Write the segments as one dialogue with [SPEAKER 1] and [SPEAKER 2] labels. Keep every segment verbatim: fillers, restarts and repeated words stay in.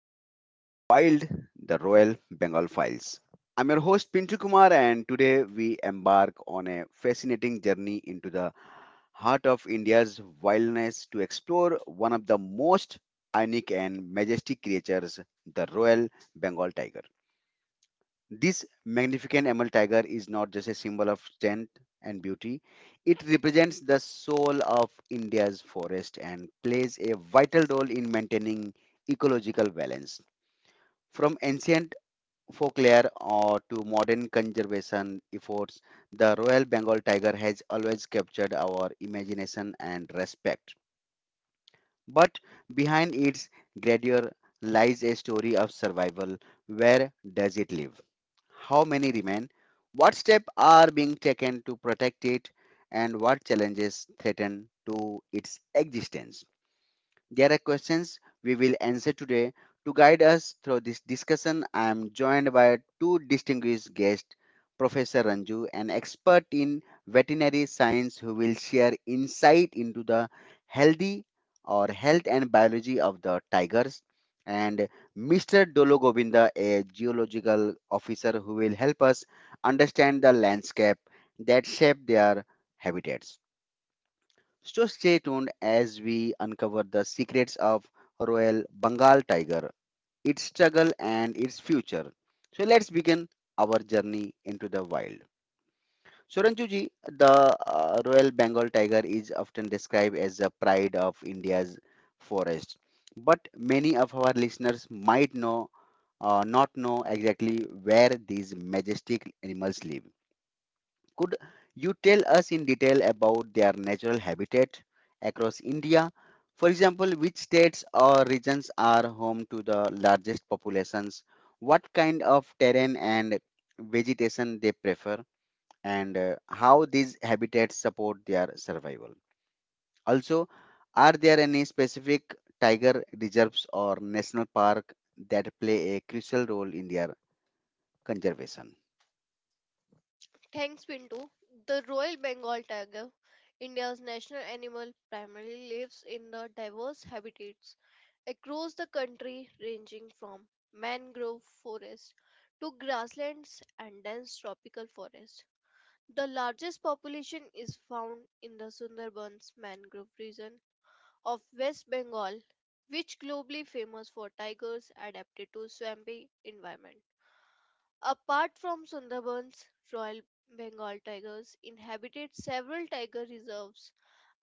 [SPEAKER 1] Guardians of Wild Royal Bengal Files. I'm your host Pintu Kumar, and today we embark on a fascinating journey into the heart of India's wilderness to explore one of the most unique and majestic creatures, the Royal Bengal Tiger. This magnificent emerald tiger is not just a symbol of strength and beauty, it represents the soul of India's forest and plays a vital role in maintaining ecological balance. From ancient folklore uh, to modern conservation efforts, the Royal Bengal tiger has always captured our imagination and respect. But behind its grandeur lies a story of survival. Where does it live? How many remain? What steps are being taken to protect it? And what challenges threaten to its existence? There are questions we will answer today. To guide us through this discussion, I am joined by two distinguished guests, Professor Ranju, an expert in veterinary science who will share insight into the healthy or health and biology of the tigers, and mister Dolo Govinda, a geological officer who will help us understand the landscape that shape their habitats. So stay tuned as we uncover the secrets of Royal Bengal tiger, its struggle and its future. So let's begin our journey into the wild. So Ranjuji, the uh, Royal Bengal tiger is often described as the pride of India's forest. But many of our listeners might know uh, not know exactly where these majestic animals live. Could you tell us in detail about their natural habitat across India? For example, which states or regions are home to the largest populations? What kind of terrain and vegetation they prefer, and uh, how these habitats support their survival? Also, are there any specific tiger reserves or national park that play a crucial role in their conservation?
[SPEAKER 2] Thanks, Pinto. The Royal Bengal tiger, India's national animal, primarily lives in the diverse habitats across the country, ranging from mangrove forests to grasslands and dense tropical forests. The largest population is found in the Sundarbans mangrove region of West Bengal, which globally famous for tigers adapted to swampy environments. Apart from Sundarbans, Royal Bengal tigers inhabited several tiger reserves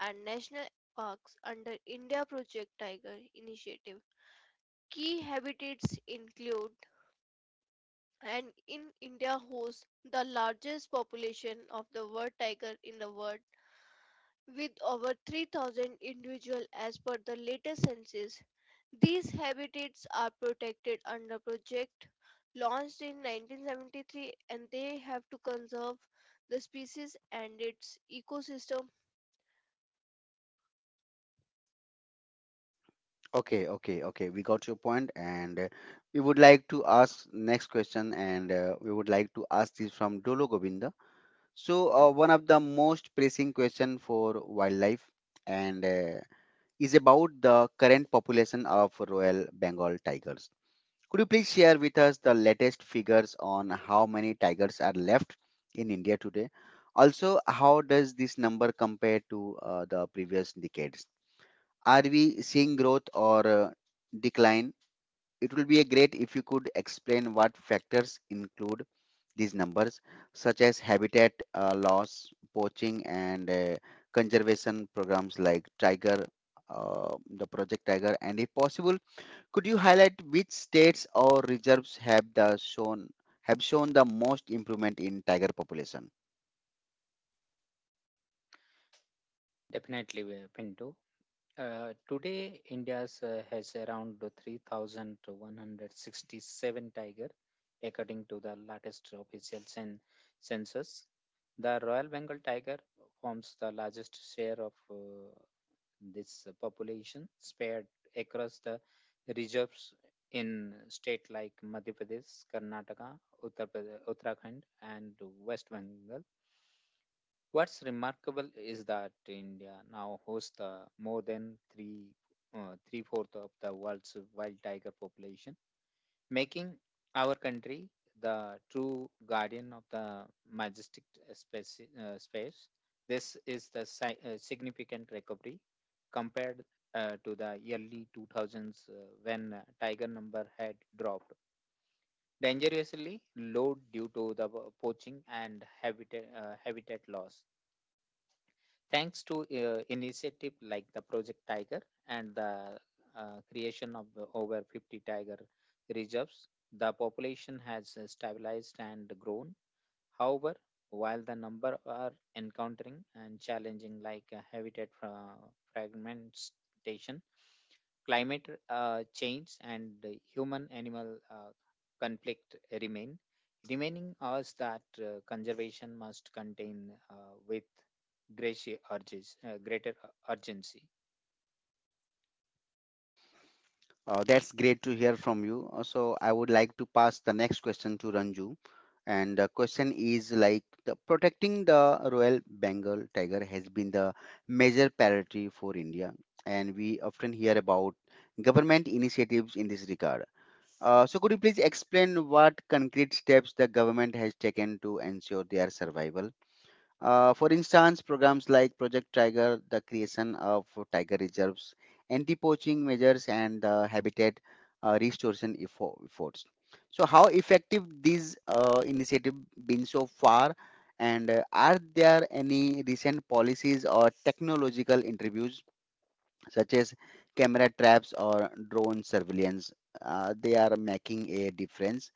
[SPEAKER 2] and national parks under India Project Tiger initiative. Key habitats include and in India hosts the largest population of the world tiger in the world with over three thousand individuals as per the latest census. These habitats are protected under project launched in nineteen seventy-three and they have to conserve the species and its ecosystem.
[SPEAKER 1] Okay, okay, okay. We got your point, and uh, we would like to ask next question, and uh, we would like to ask this from Dolo Govinda. So, uh, one of the most pressing question for wildlife, and uh, is about the current population of Royal Bengal tigers. Could you please share with us the latest figures on how many tigers are left in India today? Also, how does this number compare to uh, the previous decades? Are we seeing growth or uh, decline? It will be a great if you could explain what factors include these numbers, such as habitat uh, loss, poaching, and uh, conservation programs like Tiger, uh, the Project Tiger, and if possible, could you highlight which states or reserves have the shown have shown the most improvement in tiger population?
[SPEAKER 3] Definitely, we are Pinto. Uh, today, India uh, has around three thousand one hundred sixty-seven tiger, according to the latest official cen- census. The Royal Bengal tiger forms the largest share of uh, this population, spread across the reserves in states like Madhya Pradesh, Karnataka, Uttar Pradesh, Uttarakhand, and West Bengal. What's remarkable is that India now hosts the more than three uh, three fourth of the world's wild tiger population, making our country the true guardian of the majestic uh, speci- uh, space. This is the si- uh, significant recovery compared uh, to the early two thousands uh, when uh, tiger number had dropped dangerously low due to the poaching and habitat uh, habitat loss. Thanks to uh, initiative like the Project Tiger and the uh, creation of the over fifty tiger reserves, the population has uh, stabilized and grown. However, while the number are encountering and challenging like uh, habitat fra- fragmentation, climate uh, change and the human animal uh, conflict remain remaining us that uh, conservation must contain uh, with greater urges, uh, greater uh, urgency.
[SPEAKER 1] Uh, that's great to hear from you. Uh, So I would like to pass the next question to Ranju. And the question is like the protecting the Royal Bengal tiger has been the major priority for India, and we often hear about government initiatives in this regard. Uh, so could you please explain what concrete steps the government has taken to ensure their survival? Uh, for instance, programs like Project Tiger, the creation of tiger reserves, anti poaching measures, and uh, habitat uh, restoration effo- efforts. So, how effective these uh, initiatives been so far, and uh, are there any recent policies or technological interviews such as camera traps or drone surveillance. Uh, they are making a difference.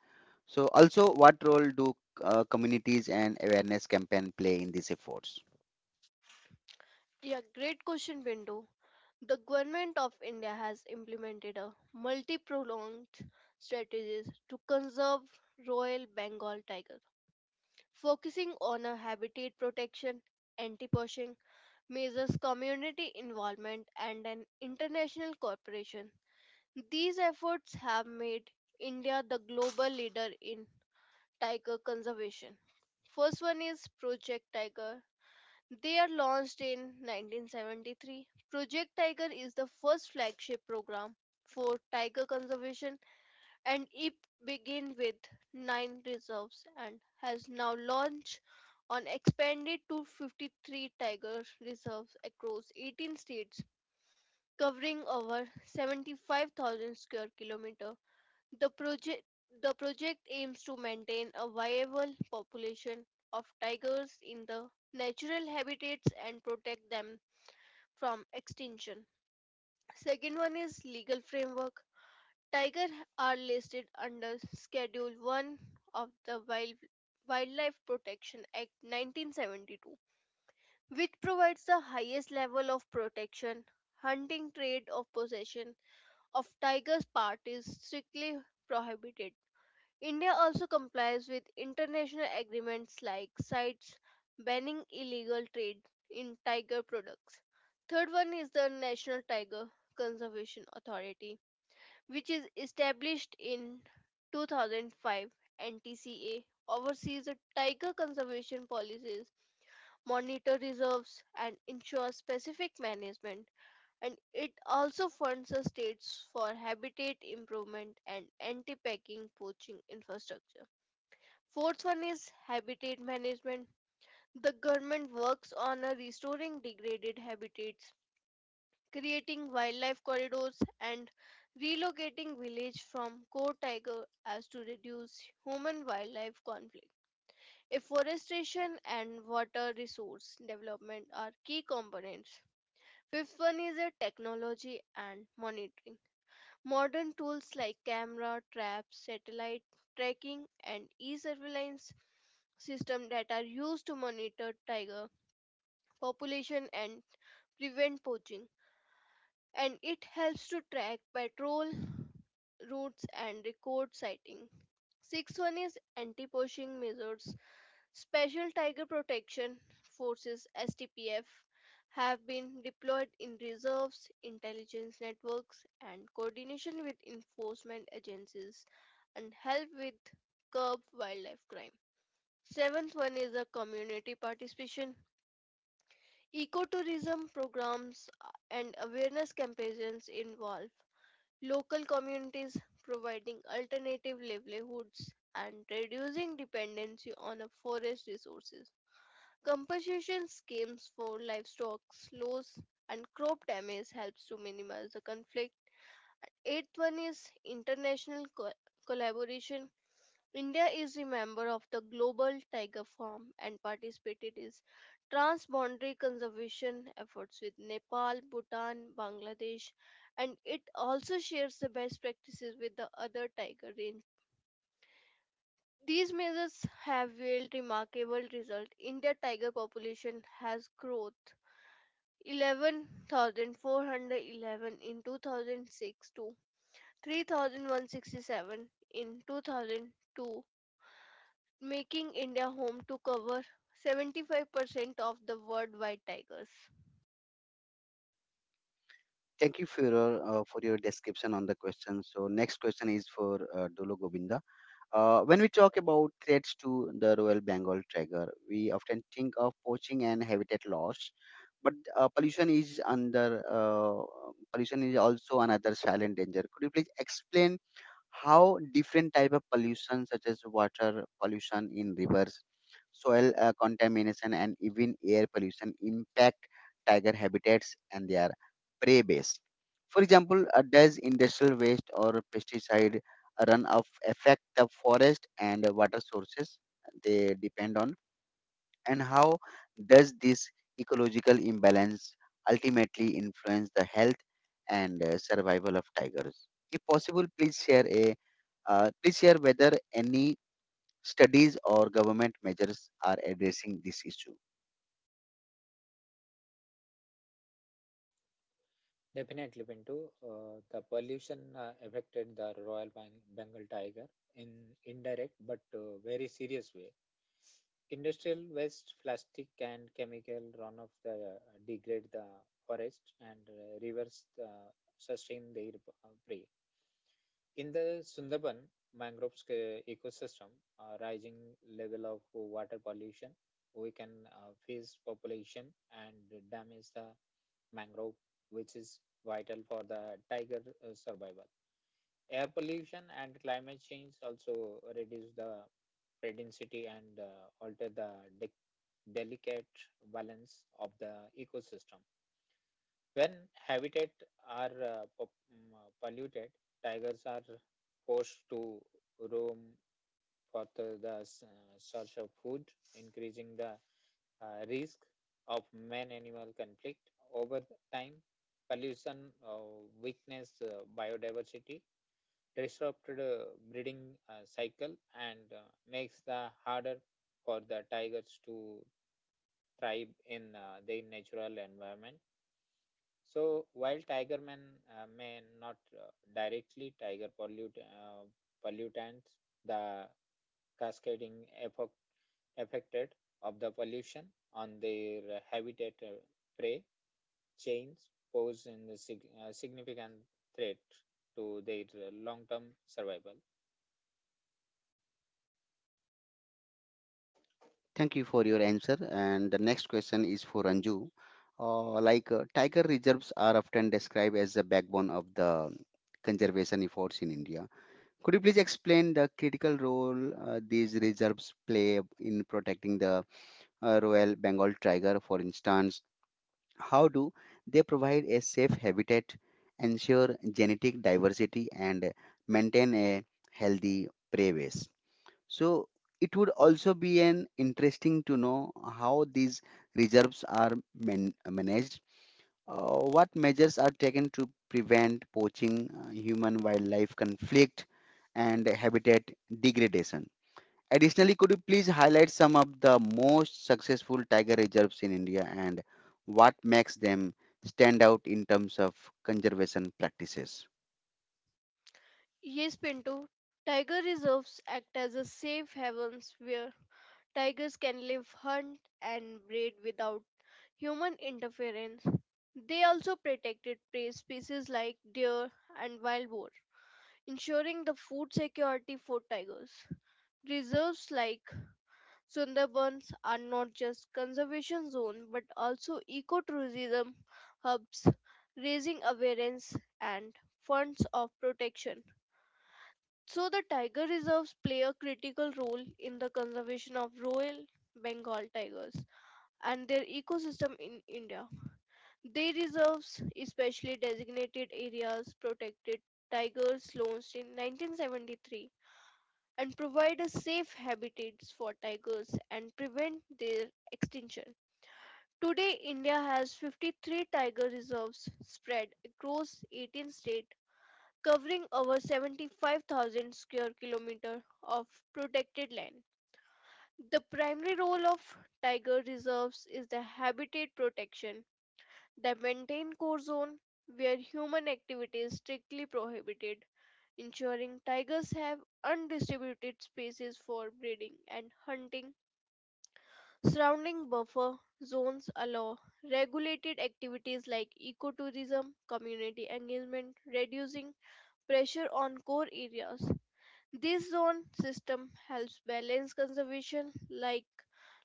[SPEAKER 1] So, also, what role do uh, communities and awareness campaign play in these efforts?
[SPEAKER 2] Yeah, great question, Bindu. The government of India has implemented a multi-pronged strategies to conserve Royal Bengal tiger, focusing on a habitat protection, anti-poaching, measures community involvement and an international cooperation. These efforts have made India the global leader in tiger conservation. First one is Project Tiger. They are launched in nineteen seventy-three. Project Tiger is the first flagship program for tiger conservation and it began with nine reserves and has now launched on expanded to fifty-three tiger reserves across eighteen states, covering over seventy-five thousand square kilometer. The project the project aims to maintain a viable population of tigers in the natural habitats and protect them from extinction. Second one is legal framework. Tiger are listed under Schedule one of the Wild Wildlife Protection Act nineteen seventy-two, which provides the highest level of protection. Hunting, trade, or possession of tiger's part is strictly prohibited. India also complies with international agreements like sites banning illegal trade in tiger products. Third one is the National Tiger Conservation Authority, which is established in two thousand five. N T C A oversees the tiger conservation policies, monitor reserves, and ensures specific management and it also funds the states for habitat improvement and anti-packing poaching infrastructure. Fourth one is habitat management. The government works on a restoring degraded habitats, creating wildlife corridors and relocating village from core tiger as to reduce human wildlife conflict. Afforestation and water resource development are key components. Fifth one is a technology and monitoring. Modern tools like camera traps, satellite tracking, and e-surveillance systems that are used to monitor tiger population and prevent poaching. And it helps to track patrol routes and record sighting. Sixth one is anti-poaching measures. Special Tiger Protection Forces (S T P F) have been deployed in reserves, intelligence networks, and coordination with enforcement agencies and help with curb wildlife crime. Seventh one is the community participation. Ecotourism programs and awareness campaigns involve local communities providing alternative livelihoods and reducing dependency on a forest resources. Compensation schemes for livestock loss and crop damage helps to minimize the conflict. And eighth one is international co- collaboration. India is a member of the Global Tiger Farm and participated in transboundary conservation efforts with Nepal, Bhutan, Bangladesh, and it also shares the best practices with the other tiger range. These measures have yielded remarkable results. India tiger population has growth eleven thousand four hundred eleven in two thousand six to three thousand one hundred sixty-seven in two thousand two, making India home to cover seventy-five percent of the worldwide tigers.
[SPEAKER 1] Thank you for your, uh, for your description on the question. So next question is for uh, Dolo Govinda. Uh, when we talk about threats to the Royal Bengal tiger, we often think of poaching and habitat loss, but uh, pollution is under uh, pollution is also another silent danger. Could you please explain how different type of pollution such as water pollution in rivers soil uh, contamination and even air pollution impact tiger habitats and their prey base for example uh, does industrial waste or pesticide runoff affect the forest and water sources they depend on and how does this ecological imbalance ultimately influence the health and uh, survival of tigers? If possible, please share a uh, please share whether any studies or government measures are addressing this issue.
[SPEAKER 3] Definitely, Pinto. Uh, the pollution uh, affected the Royal Bang- Bengal tiger in indirect but uh, very serious way. Industrial waste, plastic, and chemical runoff the, uh, degrade the forest and uh, rivers uh, sustain their uh, prey. In the Sundarban mangroves uh, ecosystem, uh, rising level of water pollution, we can uh, face population and damage the mangrove, which is vital for the tiger uh, survival. Air pollution and climate change also reduce the density and uh, alter the de- delicate balance of the ecosystem. When habitat are uh, po- mm, uh, polluted, tigers are forced to roam for the, the s- uh, search of food, increasing the uh, risk of man-animal conflict. Over the time, pollution uh, weakness uh, biodiversity, disrupted uh, breeding uh, cycle, and uh, makes the harder for the tigers to thrive in uh, their natural environment. So while tiger man uh, may not uh, directly tiger pollute uh, pollutants, the cascading effect affected of the pollution on their habitat uh, prey chains pose in the sig- uh, significant threat to their long-term survival.
[SPEAKER 1] Thank you for your answer. And the next question is for Anju. Uh, like uh, tiger reserves are often described as the backbone of the conservation efforts in India. Could you please explain the critical role uh, these reserves play in protecting the uh, Royal Bengal tiger, for instance? How do they provide a safe habitat, ensure genetic diversity, and maintain a healthy prey base? So, it would also be an interesting to know how these reserves are man- managed, uh, what measures are taken to prevent poaching, uh, human wildlife conflict, and habitat degradation? Additionally, could you please highlight some of the most successful tiger reserves in India and what makes them stand out in terms of conservation practices?
[SPEAKER 2] Yes, Pinto, tiger reserves act as a safe havens where tigers can live, hunt, and breed without human interference. They also protected prey species like deer and wild boar, ensuring the food security for tigers. Reserves like Sundarbans are not just conservation zones but also ecotourism hubs, raising awareness and funds of protection. So the tiger reserves play a critical role in the conservation of Royal Bengal tigers and their ecosystem in India. They reserves especially designated areas protected tigers launched in nineteen seventy-three and provide a safe habitats for tigers and prevent their extinction. Today, India has fifty-three tiger reserves spread across eighteen states, covering over seventy-five thousand square kilometers of protected land. The primary role of tiger reserves is the habitat protection. They maintain core zone where human activity is strictly prohibited ensuring tigers have undistributed spaces for breeding and hunting. Surrounding buffer zones allow regulated activities like ecotourism, community engagement, reducing pressure on core areas. This zone system helps balance conservation like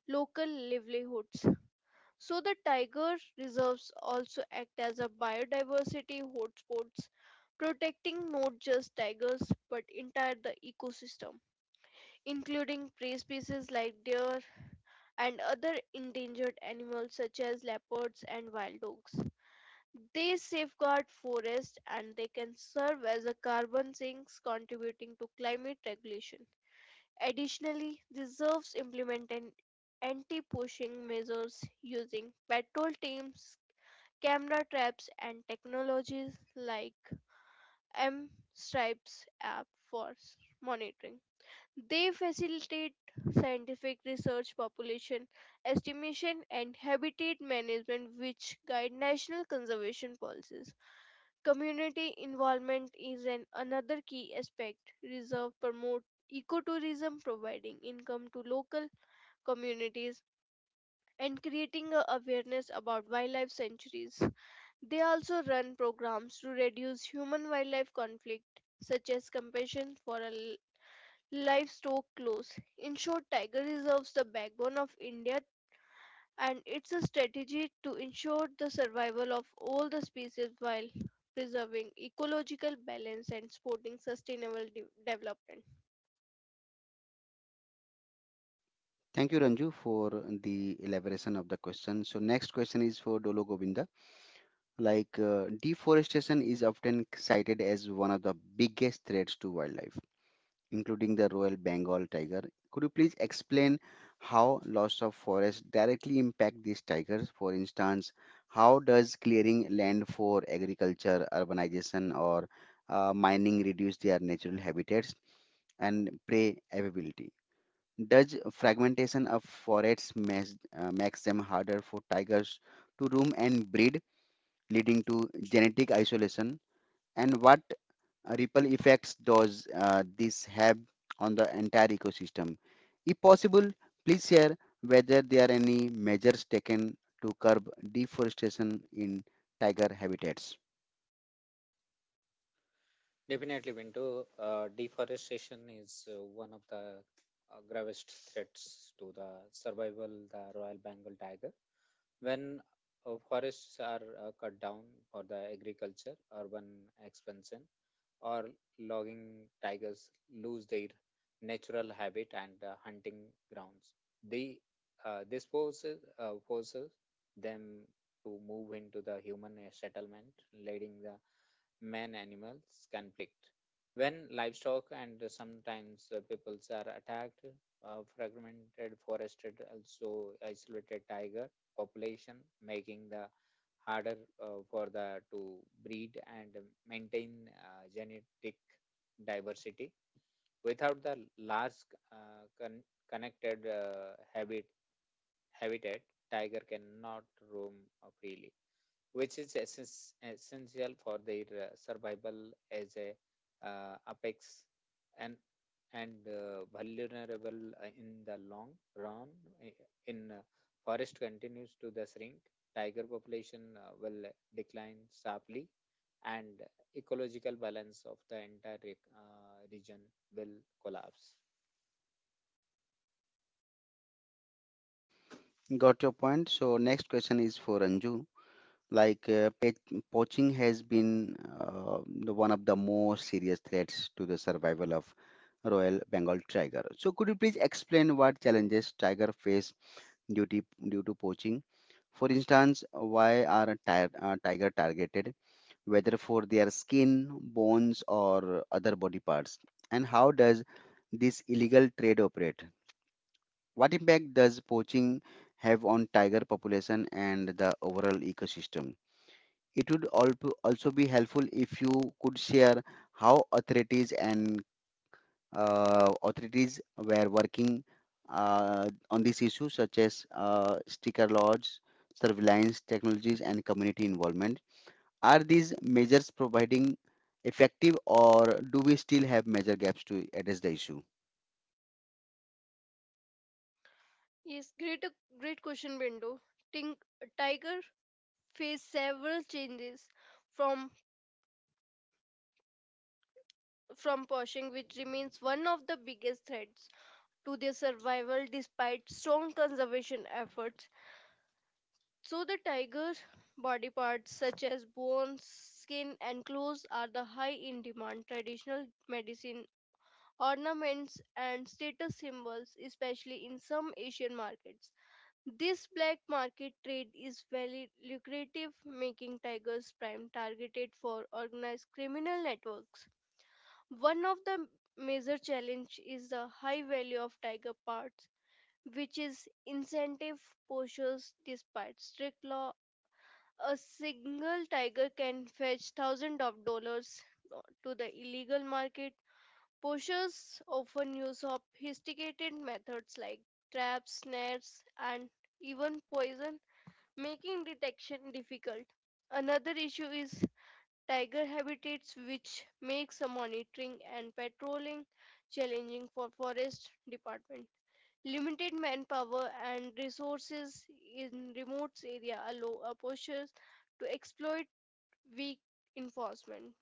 [SPEAKER 2] local livelihoods so the tiger reserves also act as a biodiversity hotspots, protecting not just tigers but entire the ecosystem, including prey species like deer and other endangered animals such as leopards and wild dogs. They safeguard forests and they can serve as a carbon sinks contributing to climate regulation. Additionally, reserves implement an anti-poaching measures using patrol teams, camera traps and technologies like M-Stripes app for monitoring. They facilitate scientific research, population estimation, and habitat management, which guide national conservation policies. Community involvement is an another key aspect. Reserve promote ecotourism, providing income to local communities and creating a awareness about wildlife sanctuaries. They also run programs to reduce human wildlife conflict, such as compassion for a l- livestock clause. In short, tiger reserves the backbone of India and it's a strategy to ensure the survival of all the species while preserving ecological balance and supporting sustainable de- development.
[SPEAKER 1] Thank you, Ranju, for the elaboration of the question. So, next question is for Dolo Govinda. Like, uh, deforestation is often cited as one of the biggest threats to wildlife including the Royal Bengal tiger. Could you please explain how loss of forest directly impact these tigers? For instance, how does clearing land for agriculture, urbanization, or uh, mining reduce their natural habitats and prey availability? Does fragmentation of forests mas- uh, makes them harder for tigers to roam and breed, leading to genetic isolation? And what uh, ripple effects does uh, this have on the entire ecosystem? If possible, please share whether there are any measures taken to curb deforestation in tiger habitats.
[SPEAKER 3] Definitely, Bintu, uh, deforestation is uh, one of the uh, gravest threats to the survival the Royal Bengal tiger. When uh, forests are uh, cut down for the agriculture, urban expansion, or logging, tigers lose their natural habitat and uh, hunting grounds. They, uh, this forces, uh, forces them to move into the human uh, settlement, leading the man animals conflict. When livestock and sometimes uh, peoples are attacked, uh, fragmented, forested, also isolated tiger population, making the harder uh, for the to breed and maintain uh, genetic diversity without the large uh, con- connected uh, habit habitat tiger cannot roam uh, freely, which is essence, essential for their uh, survival as a uh, apex and, and uh, vulnerable uh, in the long run. I- In uh, forest continues to the shrink, tiger population uh, will decline sharply, and ecological balance of the entire reg- uh, region will collapse.
[SPEAKER 1] Got your point. So next question is for Anju. Like uh, pet poaching has been uh, the one of the most serious threats to the survival of Royal Bengal tiger. So could you please explain what challenges tiger face due to, due to poaching? For instance, why are tiger, uh, tiger targeted, whether for their skin, bones, or other body parts? And how does this illegal trade operate? What impact does poaching have on tiger population and the overall ecosystem? It would al- also be helpful if you could share how authorities and uh, authorities were working uh, on these issues such as uh, sticker laws, surveillance technologies, and community involvement. Are these measures providing effective, or do we still have major gaps to address the issue?
[SPEAKER 2] Yes, great great question, Bindu. Think tiger faced several changes from from poaching, which remains one of the biggest threats to their survival despite strong conservation efforts. So, the tiger body parts such as bones, skin, and claws are the high in demand traditional medicine ornaments and status symbols, especially in some Asian markets. This black market trade is very lucrative, making tigers prime targeted for organized criminal networks. One of the major challenge is the high value of tiger parts which is incentive postures despite strict law. A single tiger can fetch thousands of dollars to the illegal market. Poachers often use sophisticated methods like traps, snares, and even poison, making detection difficult. Another issue is tiger habitats, which makes monitoring and patrolling challenging for forest department. Limited manpower and resources in remote area allow opposers to exploit weak enforcement.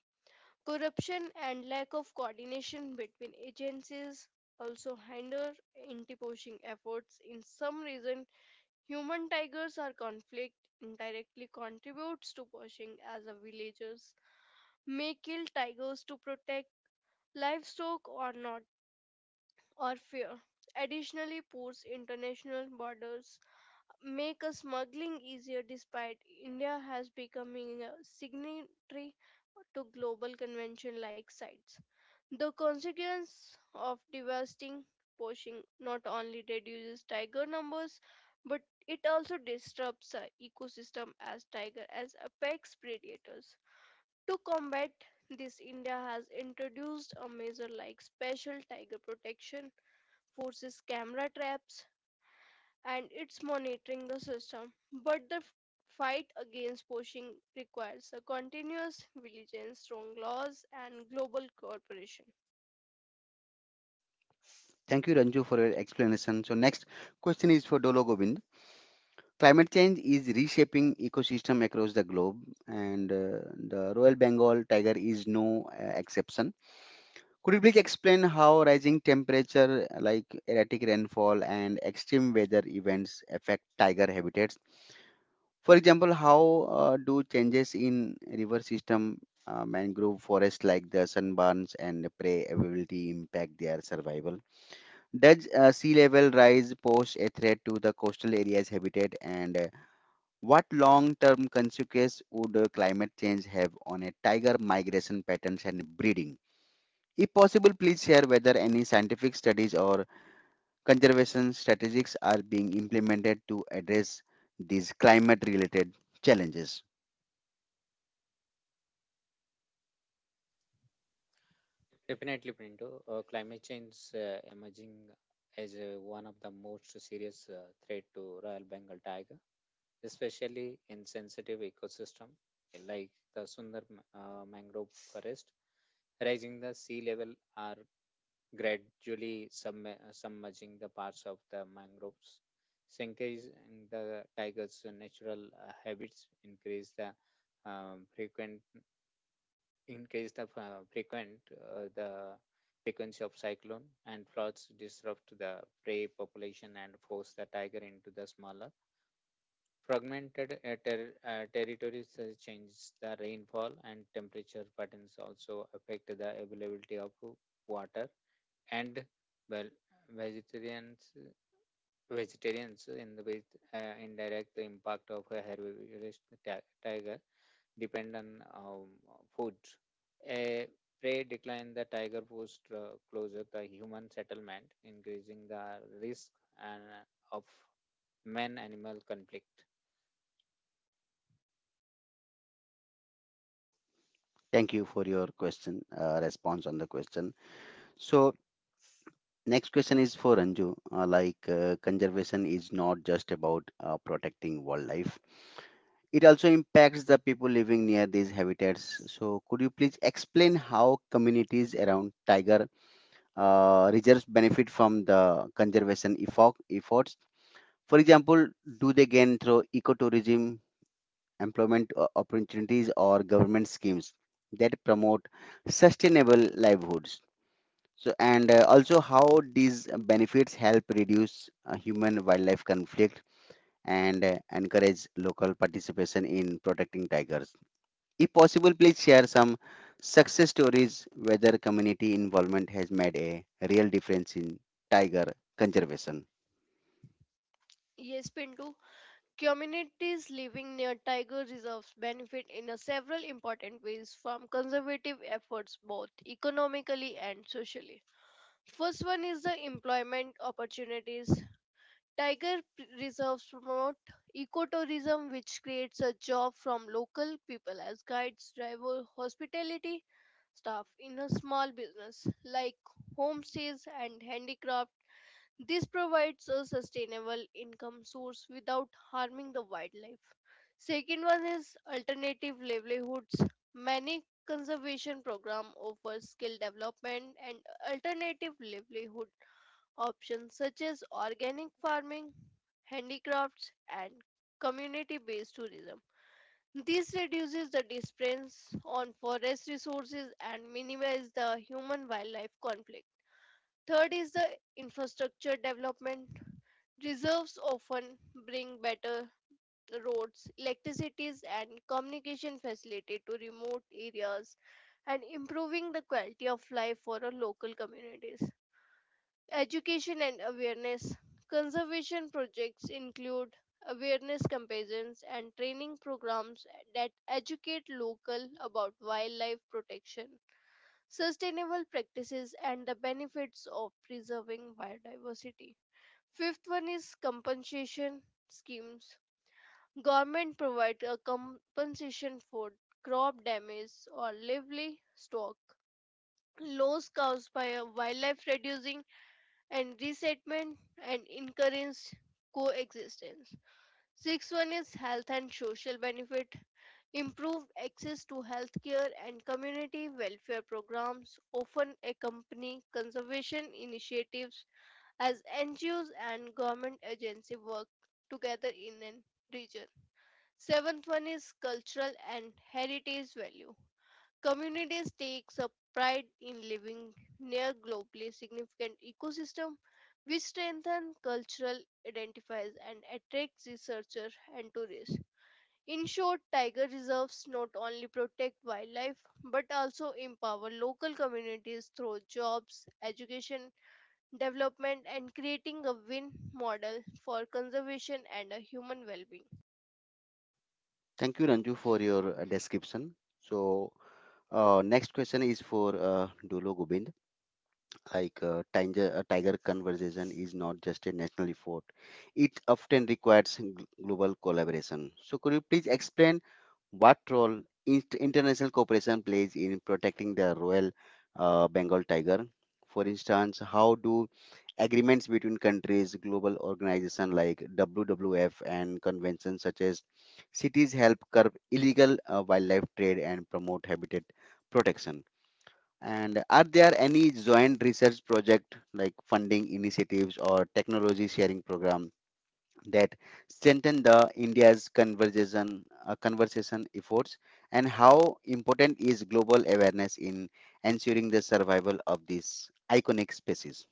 [SPEAKER 2] Corruption and lack of coordination between agencies also hinder anti-poaching efforts. In some reason, human tigers are conflict indirectly contributes to poaching as a villagers may kill tigers to protect livestock or not or fear. Additionally, pours international borders make a smuggling easier despite India has becoming a signatory to global convention like sites. The consequence of devastating poaching not only reduces tiger numbers but it also disrupts the ecosystem as tiger as apex predators. To combat this, India has introduced a measure like special tiger protection forces, camera traps, and it's monitoring the system. But the f- fight against poaching requires a continuous vigilance, strong laws, and global cooperation.
[SPEAKER 1] Thank you, Ranju, for your explanation. So next question is for Dolo Govind. Climate change is reshaping ecosystem across the globe, and uh, the Royal Bengal tiger is no uh, exception. Could you please explain how rising temperature, like erratic rainfall and extreme weather events, affect tiger habitats? For example, how uh, do changes in river system, uh, mangrove forests like the sunburns and prey availability impact their survival? Does uh, sea level rise pose a threat to the coastal areas' habitat? And uh, what long-term consequences would uh, climate change have on a tiger migration patterns and breeding? If possible, please share whether any scientific studies or conservation strategies are being implemented to address these climate related challenges.
[SPEAKER 3] Definitely, Pinto, uh, climate change uh, emerging as uh, one of the most serious uh, threat to Royal Bengal tiger, especially in sensitive ecosystem like the Sundar uh, mangrove forest. Rising the sea level are gradually submer- submerging the parts of the mangroves, sinking the tigers' natural uh, habits, increase the um, frequent increase the uh, frequent uh, the frequency of cyclone and floods disrupt the prey population and force the tiger into the smaller fragmented uh, ter- uh, territories. Uh, change the rainfall and temperature patterns also affect the availability of water and well vegetarians vegetarians in the with uh, indirect impact of a herbivorous ti- tiger depend on um, food. A prey decline the tiger post uh, closer the human settlement, increasing the risk and of man-animal conflict.
[SPEAKER 1] Thank you for your question, uh, response on the question. So, next question is for Anju. Uh, like, uh, conservation is not just about uh, protecting wildlife, it also impacts the people living near these habitats. So, could you please explain how communities around tiger uh, reserves benefit from the conservation effort, efforts? For example, do they gain through ecotourism, employment o- opportunities, or government schemes that promote sustainable livelihoods? So, and uh, also how these benefits help reduce uh, human wildlife conflict and uh, encourage local participation in protecting tigers. If possible, please share some success stories whether community involvement has made a real difference in tiger conservation.
[SPEAKER 2] Yes, Pintu. Communities living near tiger reserves benefit in a several important ways from conservative efforts both economically and socially. First one is the employment opportunities. Tiger p- reserves promote ecotourism, which creates a job from local people as guides, driver, hospitality staff in a small business like homestays and handicraft. This provides a sustainable income source without harming the wildlife. Second one is alternative livelihoods. Many conservation program offers skill development and alternative livelihood options such as organic farming handicrafts, and community based tourism. This reduces the dependence on forest resources and minimizes the human wildlife conflict. Third is the infrastructure development. Reserves often bring better roads, electricities, and communication facility to remote areas and improving the quality of life for our local communities. Education and awareness. Conservation projects include awareness campaigns and training programs that educate local about wildlife protection, sustainable practices and the benefits of preserving biodiversity. Fifth one is compensation schemes. Government provide a compensation for crop damage or livestock loss caused by a wildlife reducing and resettlement and encouraged coexistence. Sixth one is health and social benefit. Improved access to healthcare and community welfare programs often accompany conservation initiatives as N G Os and government agency work together in an region. Seventh one is cultural and heritage value. Communities takes a pride in living near globally significant ecosystem which strengthen cultural identifies and attracts researchers and tourists. In short, tiger reserves not only protect wildlife but also empower local communities through jobs, education, development and creating a win model for conservation and a human well-being.
[SPEAKER 1] Thank you, Ranju, for your uh, description. So, uh, next question is for uh, Dulo Gobind. Like uh, tiger, uh, tiger conservation is not just a national effort; it often requires gl- global collaboration. So, could you please explain what role in- international cooperation plays in protecting the Royal uh, Bengal tiger? For instance, how do agreements between countries, global organizations like W W F, and conventions such as cities help curb illegal uh, wildlife trade and promote habitat protection? And are there any joint research project like funding initiatives or technology sharing program that strengthen the India's conversation uh, conversation efforts? And how important is global awareness in ensuring the survival of these iconic species?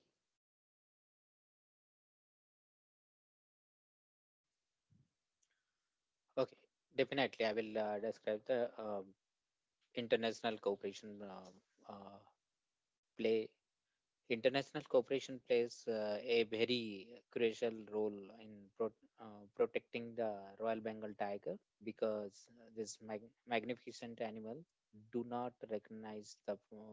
[SPEAKER 3] Okay, definitely. I will uh, describe the um, international cooperation um uh, play. International cooperation plays uh, a very crucial role in pro- uh, protecting the Royal Bengal tiger because this mag- magnificent animal do not recognize the uh,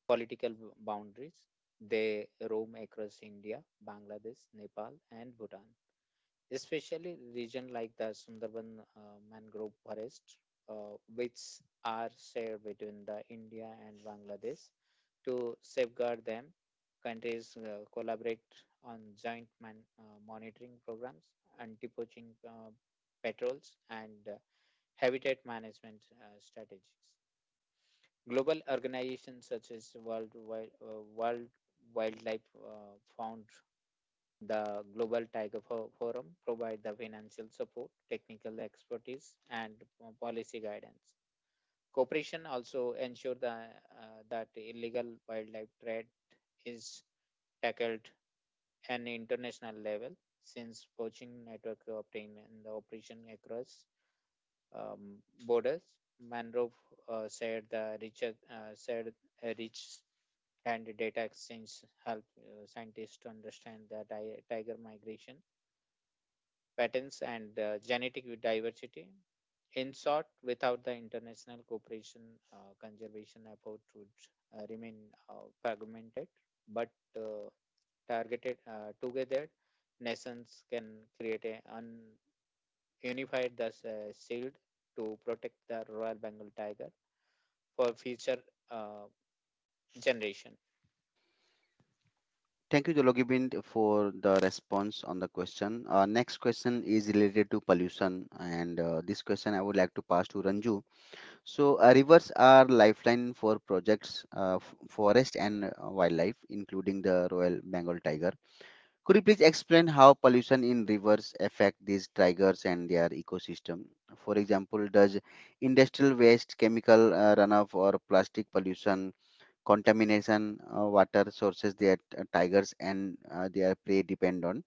[SPEAKER 3] political boundaries. They roam across India, Bangladesh, Nepal, and Bhutan, especially region like the Sundarban uh, mangrove forest, uh, which are shared between the India and Bangladesh. To safeguard them, countries uh, collaborate on joint man, uh, monitoring programs, anti-poaching uh, patrols, and uh, habitat management uh, strategies. Global organizations such as World Wild, uh, World Wildlife uh, Fund, the Global Tiger Fo- Forum provide the financial support, technical expertise, and uh, policy guidance. Cooperation also ensure the, uh, that illegal wildlife trade is tackled an international level since poaching network obtained in the operation across um, borders. Mangrove uh, said the Richard uh, said uh, rich and data exchange help uh, scientists to understand the ti- tiger migration patterns and uh, genetic diversity. In short, without the international cooperation, uh, conservation effort would uh, remain uh, fragmented, but uh, targeted uh, together, nations can create a un- unified the uh, shield to protect the Royal Bengal tiger for future uh, generation.
[SPEAKER 1] Thank you, Jologibind, for the response on the question. Uh, next question is related to pollution, and uh, this question I would like to pass to Ranju. So, uh, rivers are lifeline for projects, uh, f- forest and uh, wildlife, including the Royal Bengal tiger. Could you please explain how pollution in rivers affect these tigers and their ecosystem? For example, does industrial waste, chemical uh, runoff, or plastic pollution, contamination, uh, water sources that uh, tigers and uh, their prey depend on?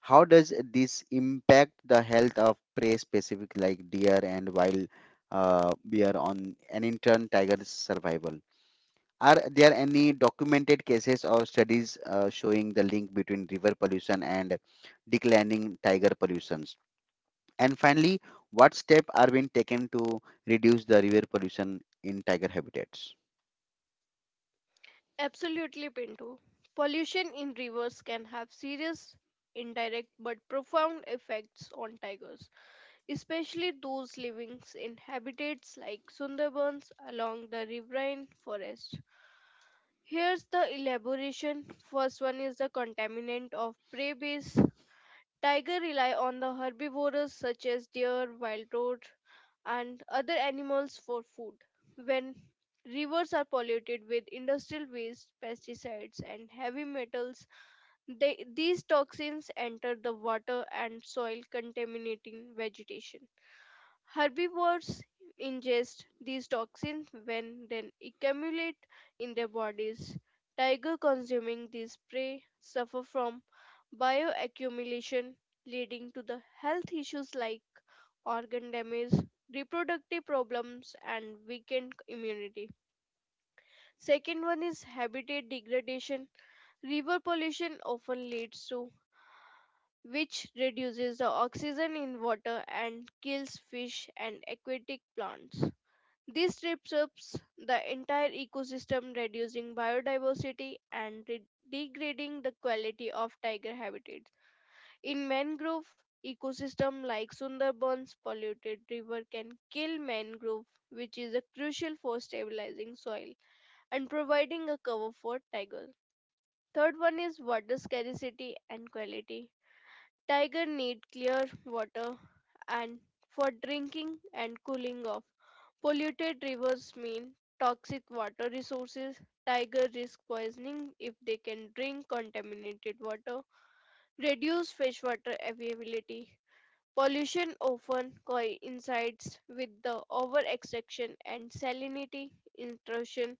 [SPEAKER 1] How does this impact the health of prey specific like deer and wild uh, bear on an intern tiger survival? Are there any documented cases or studies uh, showing the link between river pollution and declining tiger pollutions? And finally, what steps are being taken to reduce the river pollution in tiger habitats?
[SPEAKER 2] Absolutely, Pinto. Pollution in rivers can have serious, indirect, but profound effects on tigers, especially those living in habitats like Sundarbans along the riverine forest. Here's the elaboration. First one is the contaminant of prey base. Tiger rely on the herbivores such as deer, wild goat, and other animals for food. When rivers are polluted with industrial waste, pesticides, and heavy metals, they, these toxins enter the water and soil, contaminating vegetation. Herbivores ingest these toxins when then accumulate in their bodies. Tiger consuming these prey suffer from bioaccumulation leading to the health issues like organ damage, reproductive problems, and weakened immunity. Second one is habitat degradation. River pollution often leads to which reduces the oxygen in water and kills fish and aquatic plants. This disrupts the entire ecosystem, reducing biodiversity and re- degrading the quality of tiger habitats. In mangrove ecosystem like Sundarbans, polluted river can kill mangrove which is a crucial for stabilizing soil and providing a cover for tiger. Third one is water scarcity and quality. Tiger need clear water and for drinking and cooling off. Polluted rivers mean toxic water resources. Tiger risk poisoning if they can drink contaminated water. Reduce freshwater availability pollution often coincides with the overextraction and salinity intrusion,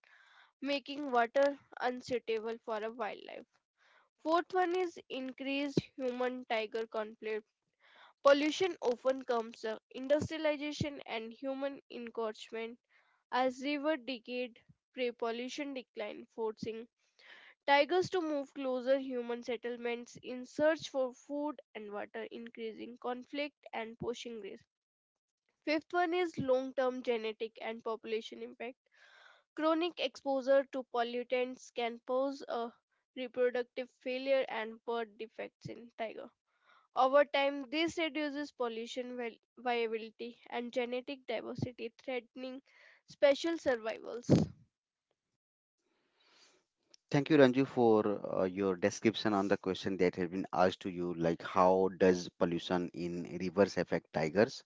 [SPEAKER 2] making water unsuitable for a wildlife. Fourth one is increased human-tiger conflict. Pollution often comes from industrialization and human encroachment as river decayed, prey pollution declined, forcing tigers to move closer human settlements in search for food and water, increasing conflict and poaching risk. Fifth one is long term genetic and population impact. Chronic exposure to pollutants can pose a reproductive failure and birth defects in tiger. Over time, this reduces pollution vi- viability and genetic diversity, threatening special survivals.
[SPEAKER 1] Thank you, Ranju, for uh, your description on the question that has been asked to you, like how does pollution in rivers affect tigers?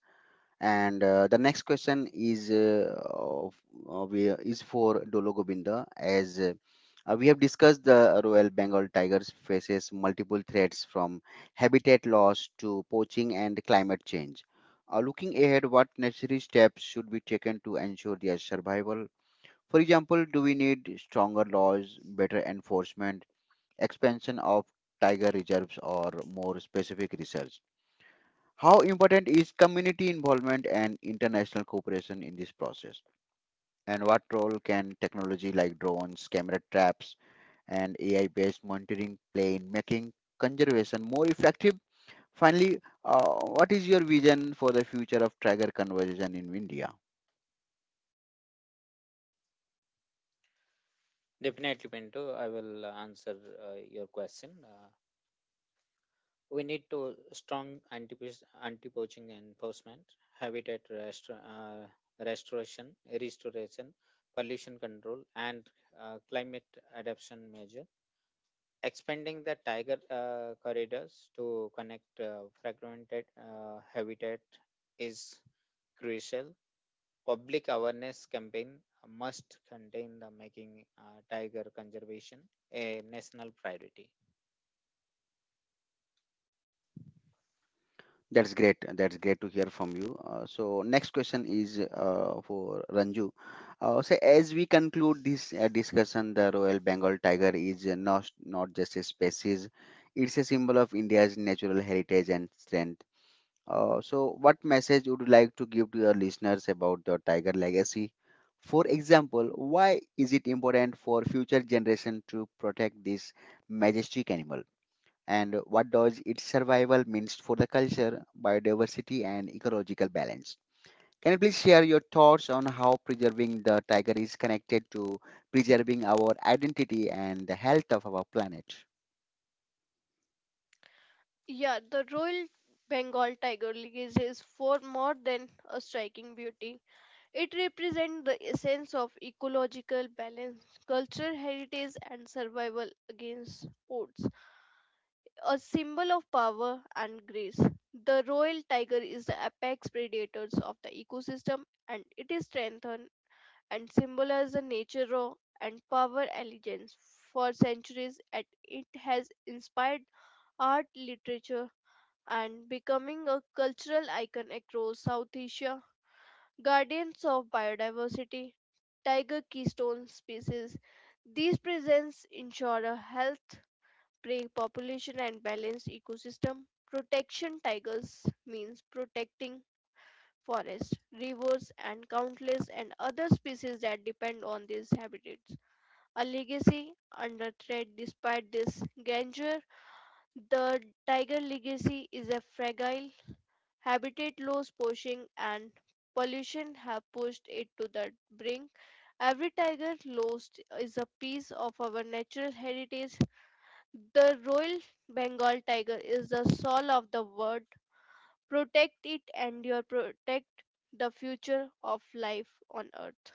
[SPEAKER 1] And uh, the next question is uh, of, of, uh, is for Dolo Govinda. As uh, uh, we have discussed, the Royal Bengal tigers faces multiple threats from habitat loss to poaching and climate change. Uh, looking ahead, what necessary steps should be taken to ensure their survival? For example, do we need stronger laws, better enforcement, expansion of tiger reserves, or more specific research? How important is community involvement and international cooperation in this process? And what role can technology like drones, camera traps, and A I based monitoring play in making conservation more effective? Finally, uh, what is your vision for the future of tiger conservation in India?
[SPEAKER 3] Definitely, Pinto, I will answer uh, your question. Uh, We need to strong anti anti poaching enforcement, habitat restor- uh, restoration, restoration, pollution control, and uh, climate adaptation measure. Expanding the tiger uh, corridors to connect uh, fragmented uh, habitat is crucial. Public awareness campaign must contain the making uh, tiger conservation a national priority.
[SPEAKER 1] That's great. That's great to hear from you. Uh, so next question is uh, for Ranju. Uh, so as we conclude this uh, discussion, the Royal Bengal tiger is uh, not not just a species; it's a symbol of India's natural heritage and strength. Uh, so what message would you like to give to your listeners about the tiger legacy? For example, why is it important for future generation to protect this majestic animal? And what does its survival means for the culture, biodiversity, and ecological balance. Can you please share your thoughts on how preserving the tiger is connected to preserving our identity and the health of our planet?
[SPEAKER 2] Yeah, the Royal Bengal Tiger Lily is for more than a striking beauty. It represents the essence of ecological balance, cultural heritage, and survival against odds. A symbol of power and grace, the royal tiger is the apex predator of the ecosystem and it is strengthened and symbolizes the nature raw and power allegiance. For centuries, and it has inspired art, literature, and becoming a cultural icon across South Asia guardians of biodiversity, tiger keystone species. These presents ensure a health, prey population, and balanced ecosystem. Protection tigers means protecting forests, rivers, and countless and other species that depend on these habitats. A legacy under threat despite this grandeur, the tiger legacy is a fragile habitat loss, poaching, and pollution have pushed it to the brink. Every tiger lost is a piece of our natural heritage. The Royal Bengal tiger is the soul of the world. Protect it and you protect the future of life on earth.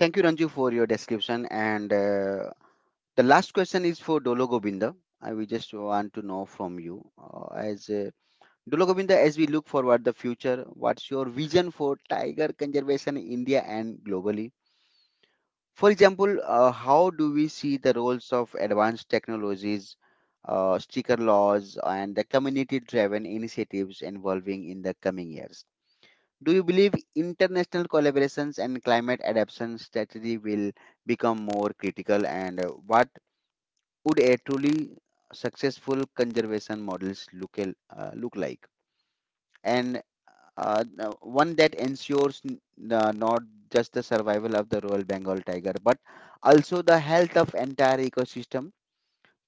[SPEAKER 1] Thank you, Ranju, for your description. And uh, the last question is for Dolo Govinda. I we just want to know from you, uh, as uh, Dolo Govinda, as we look forward the future, what's your vision for tiger conservation in India and globally? For example, uh, how do we see the roles of advanced technologies, uh, sticker laws, and the community-driven initiatives involving in the coming years? Do you believe international collaborations and climate adaptation strategy will become more critical? And uh, what would a truly successful conservation models look, al- uh, look like? And uh, uh, one that ensures n- uh, not just the survival of the Royal Bengal tiger, but also the health of entire ecosystem.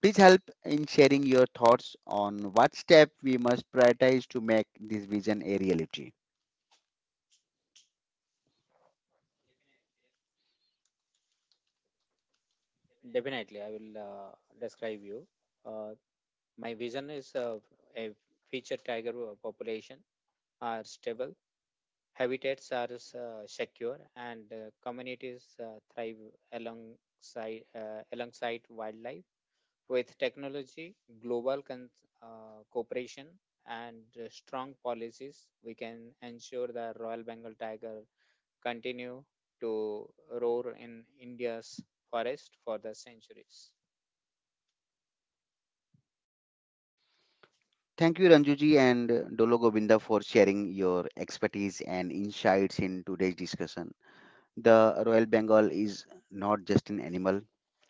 [SPEAKER 1] Please help in sharing your thoughts on what step we must prioritize to make this vision a reality.
[SPEAKER 3] Definitely, I will uh, describe you. Uh, My vision is uh, a future tiger wo- population are stable, habitats are uh, secure, and uh, communities uh, thrive alongside uh, alongside wildlife. With technology, global con- uh, cooperation, and uh, strong policies, we can ensure the Royal Bengal tiger continue to roar in India's forest for the centuries.
[SPEAKER 1] Thank you, Ranjuji and Dolo Govinda, for sharing your expertise and insights in today's discussion. The Royal Bengal is not just an animal;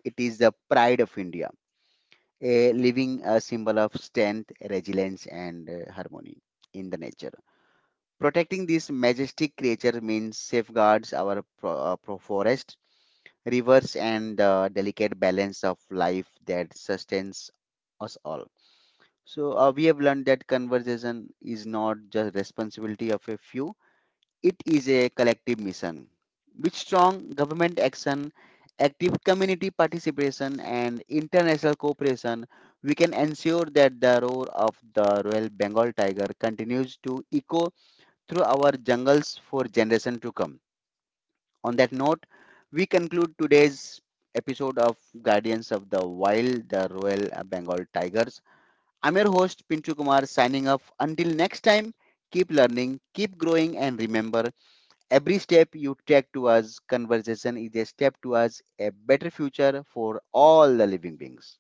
[SPEAKER 1] it is the pride of India, a living a symbol of strength, resilience, and uh, harmony in the nature. Protecting this majestic creature means safeguards our pro- uh, pro- forest, rivers, and the delicate balance of life that sustains us all. So uh, we have learned that conservation is not just responsibility of a few, it is a collective mission with strong government action, active community participation, and international cooperation. We can ensure that the roar of the Royal Bengal tiger continues to echo through our jungles for generations to come. On that note, we conclude today's episode of Guardians of the Wild, the Royal Bengal Tigers. I'm your host Pinchu Kumar signing off. Until next time, keep learning, keep growing, and remember, every step you take towards conversation is a step towards a better future for all the living beings.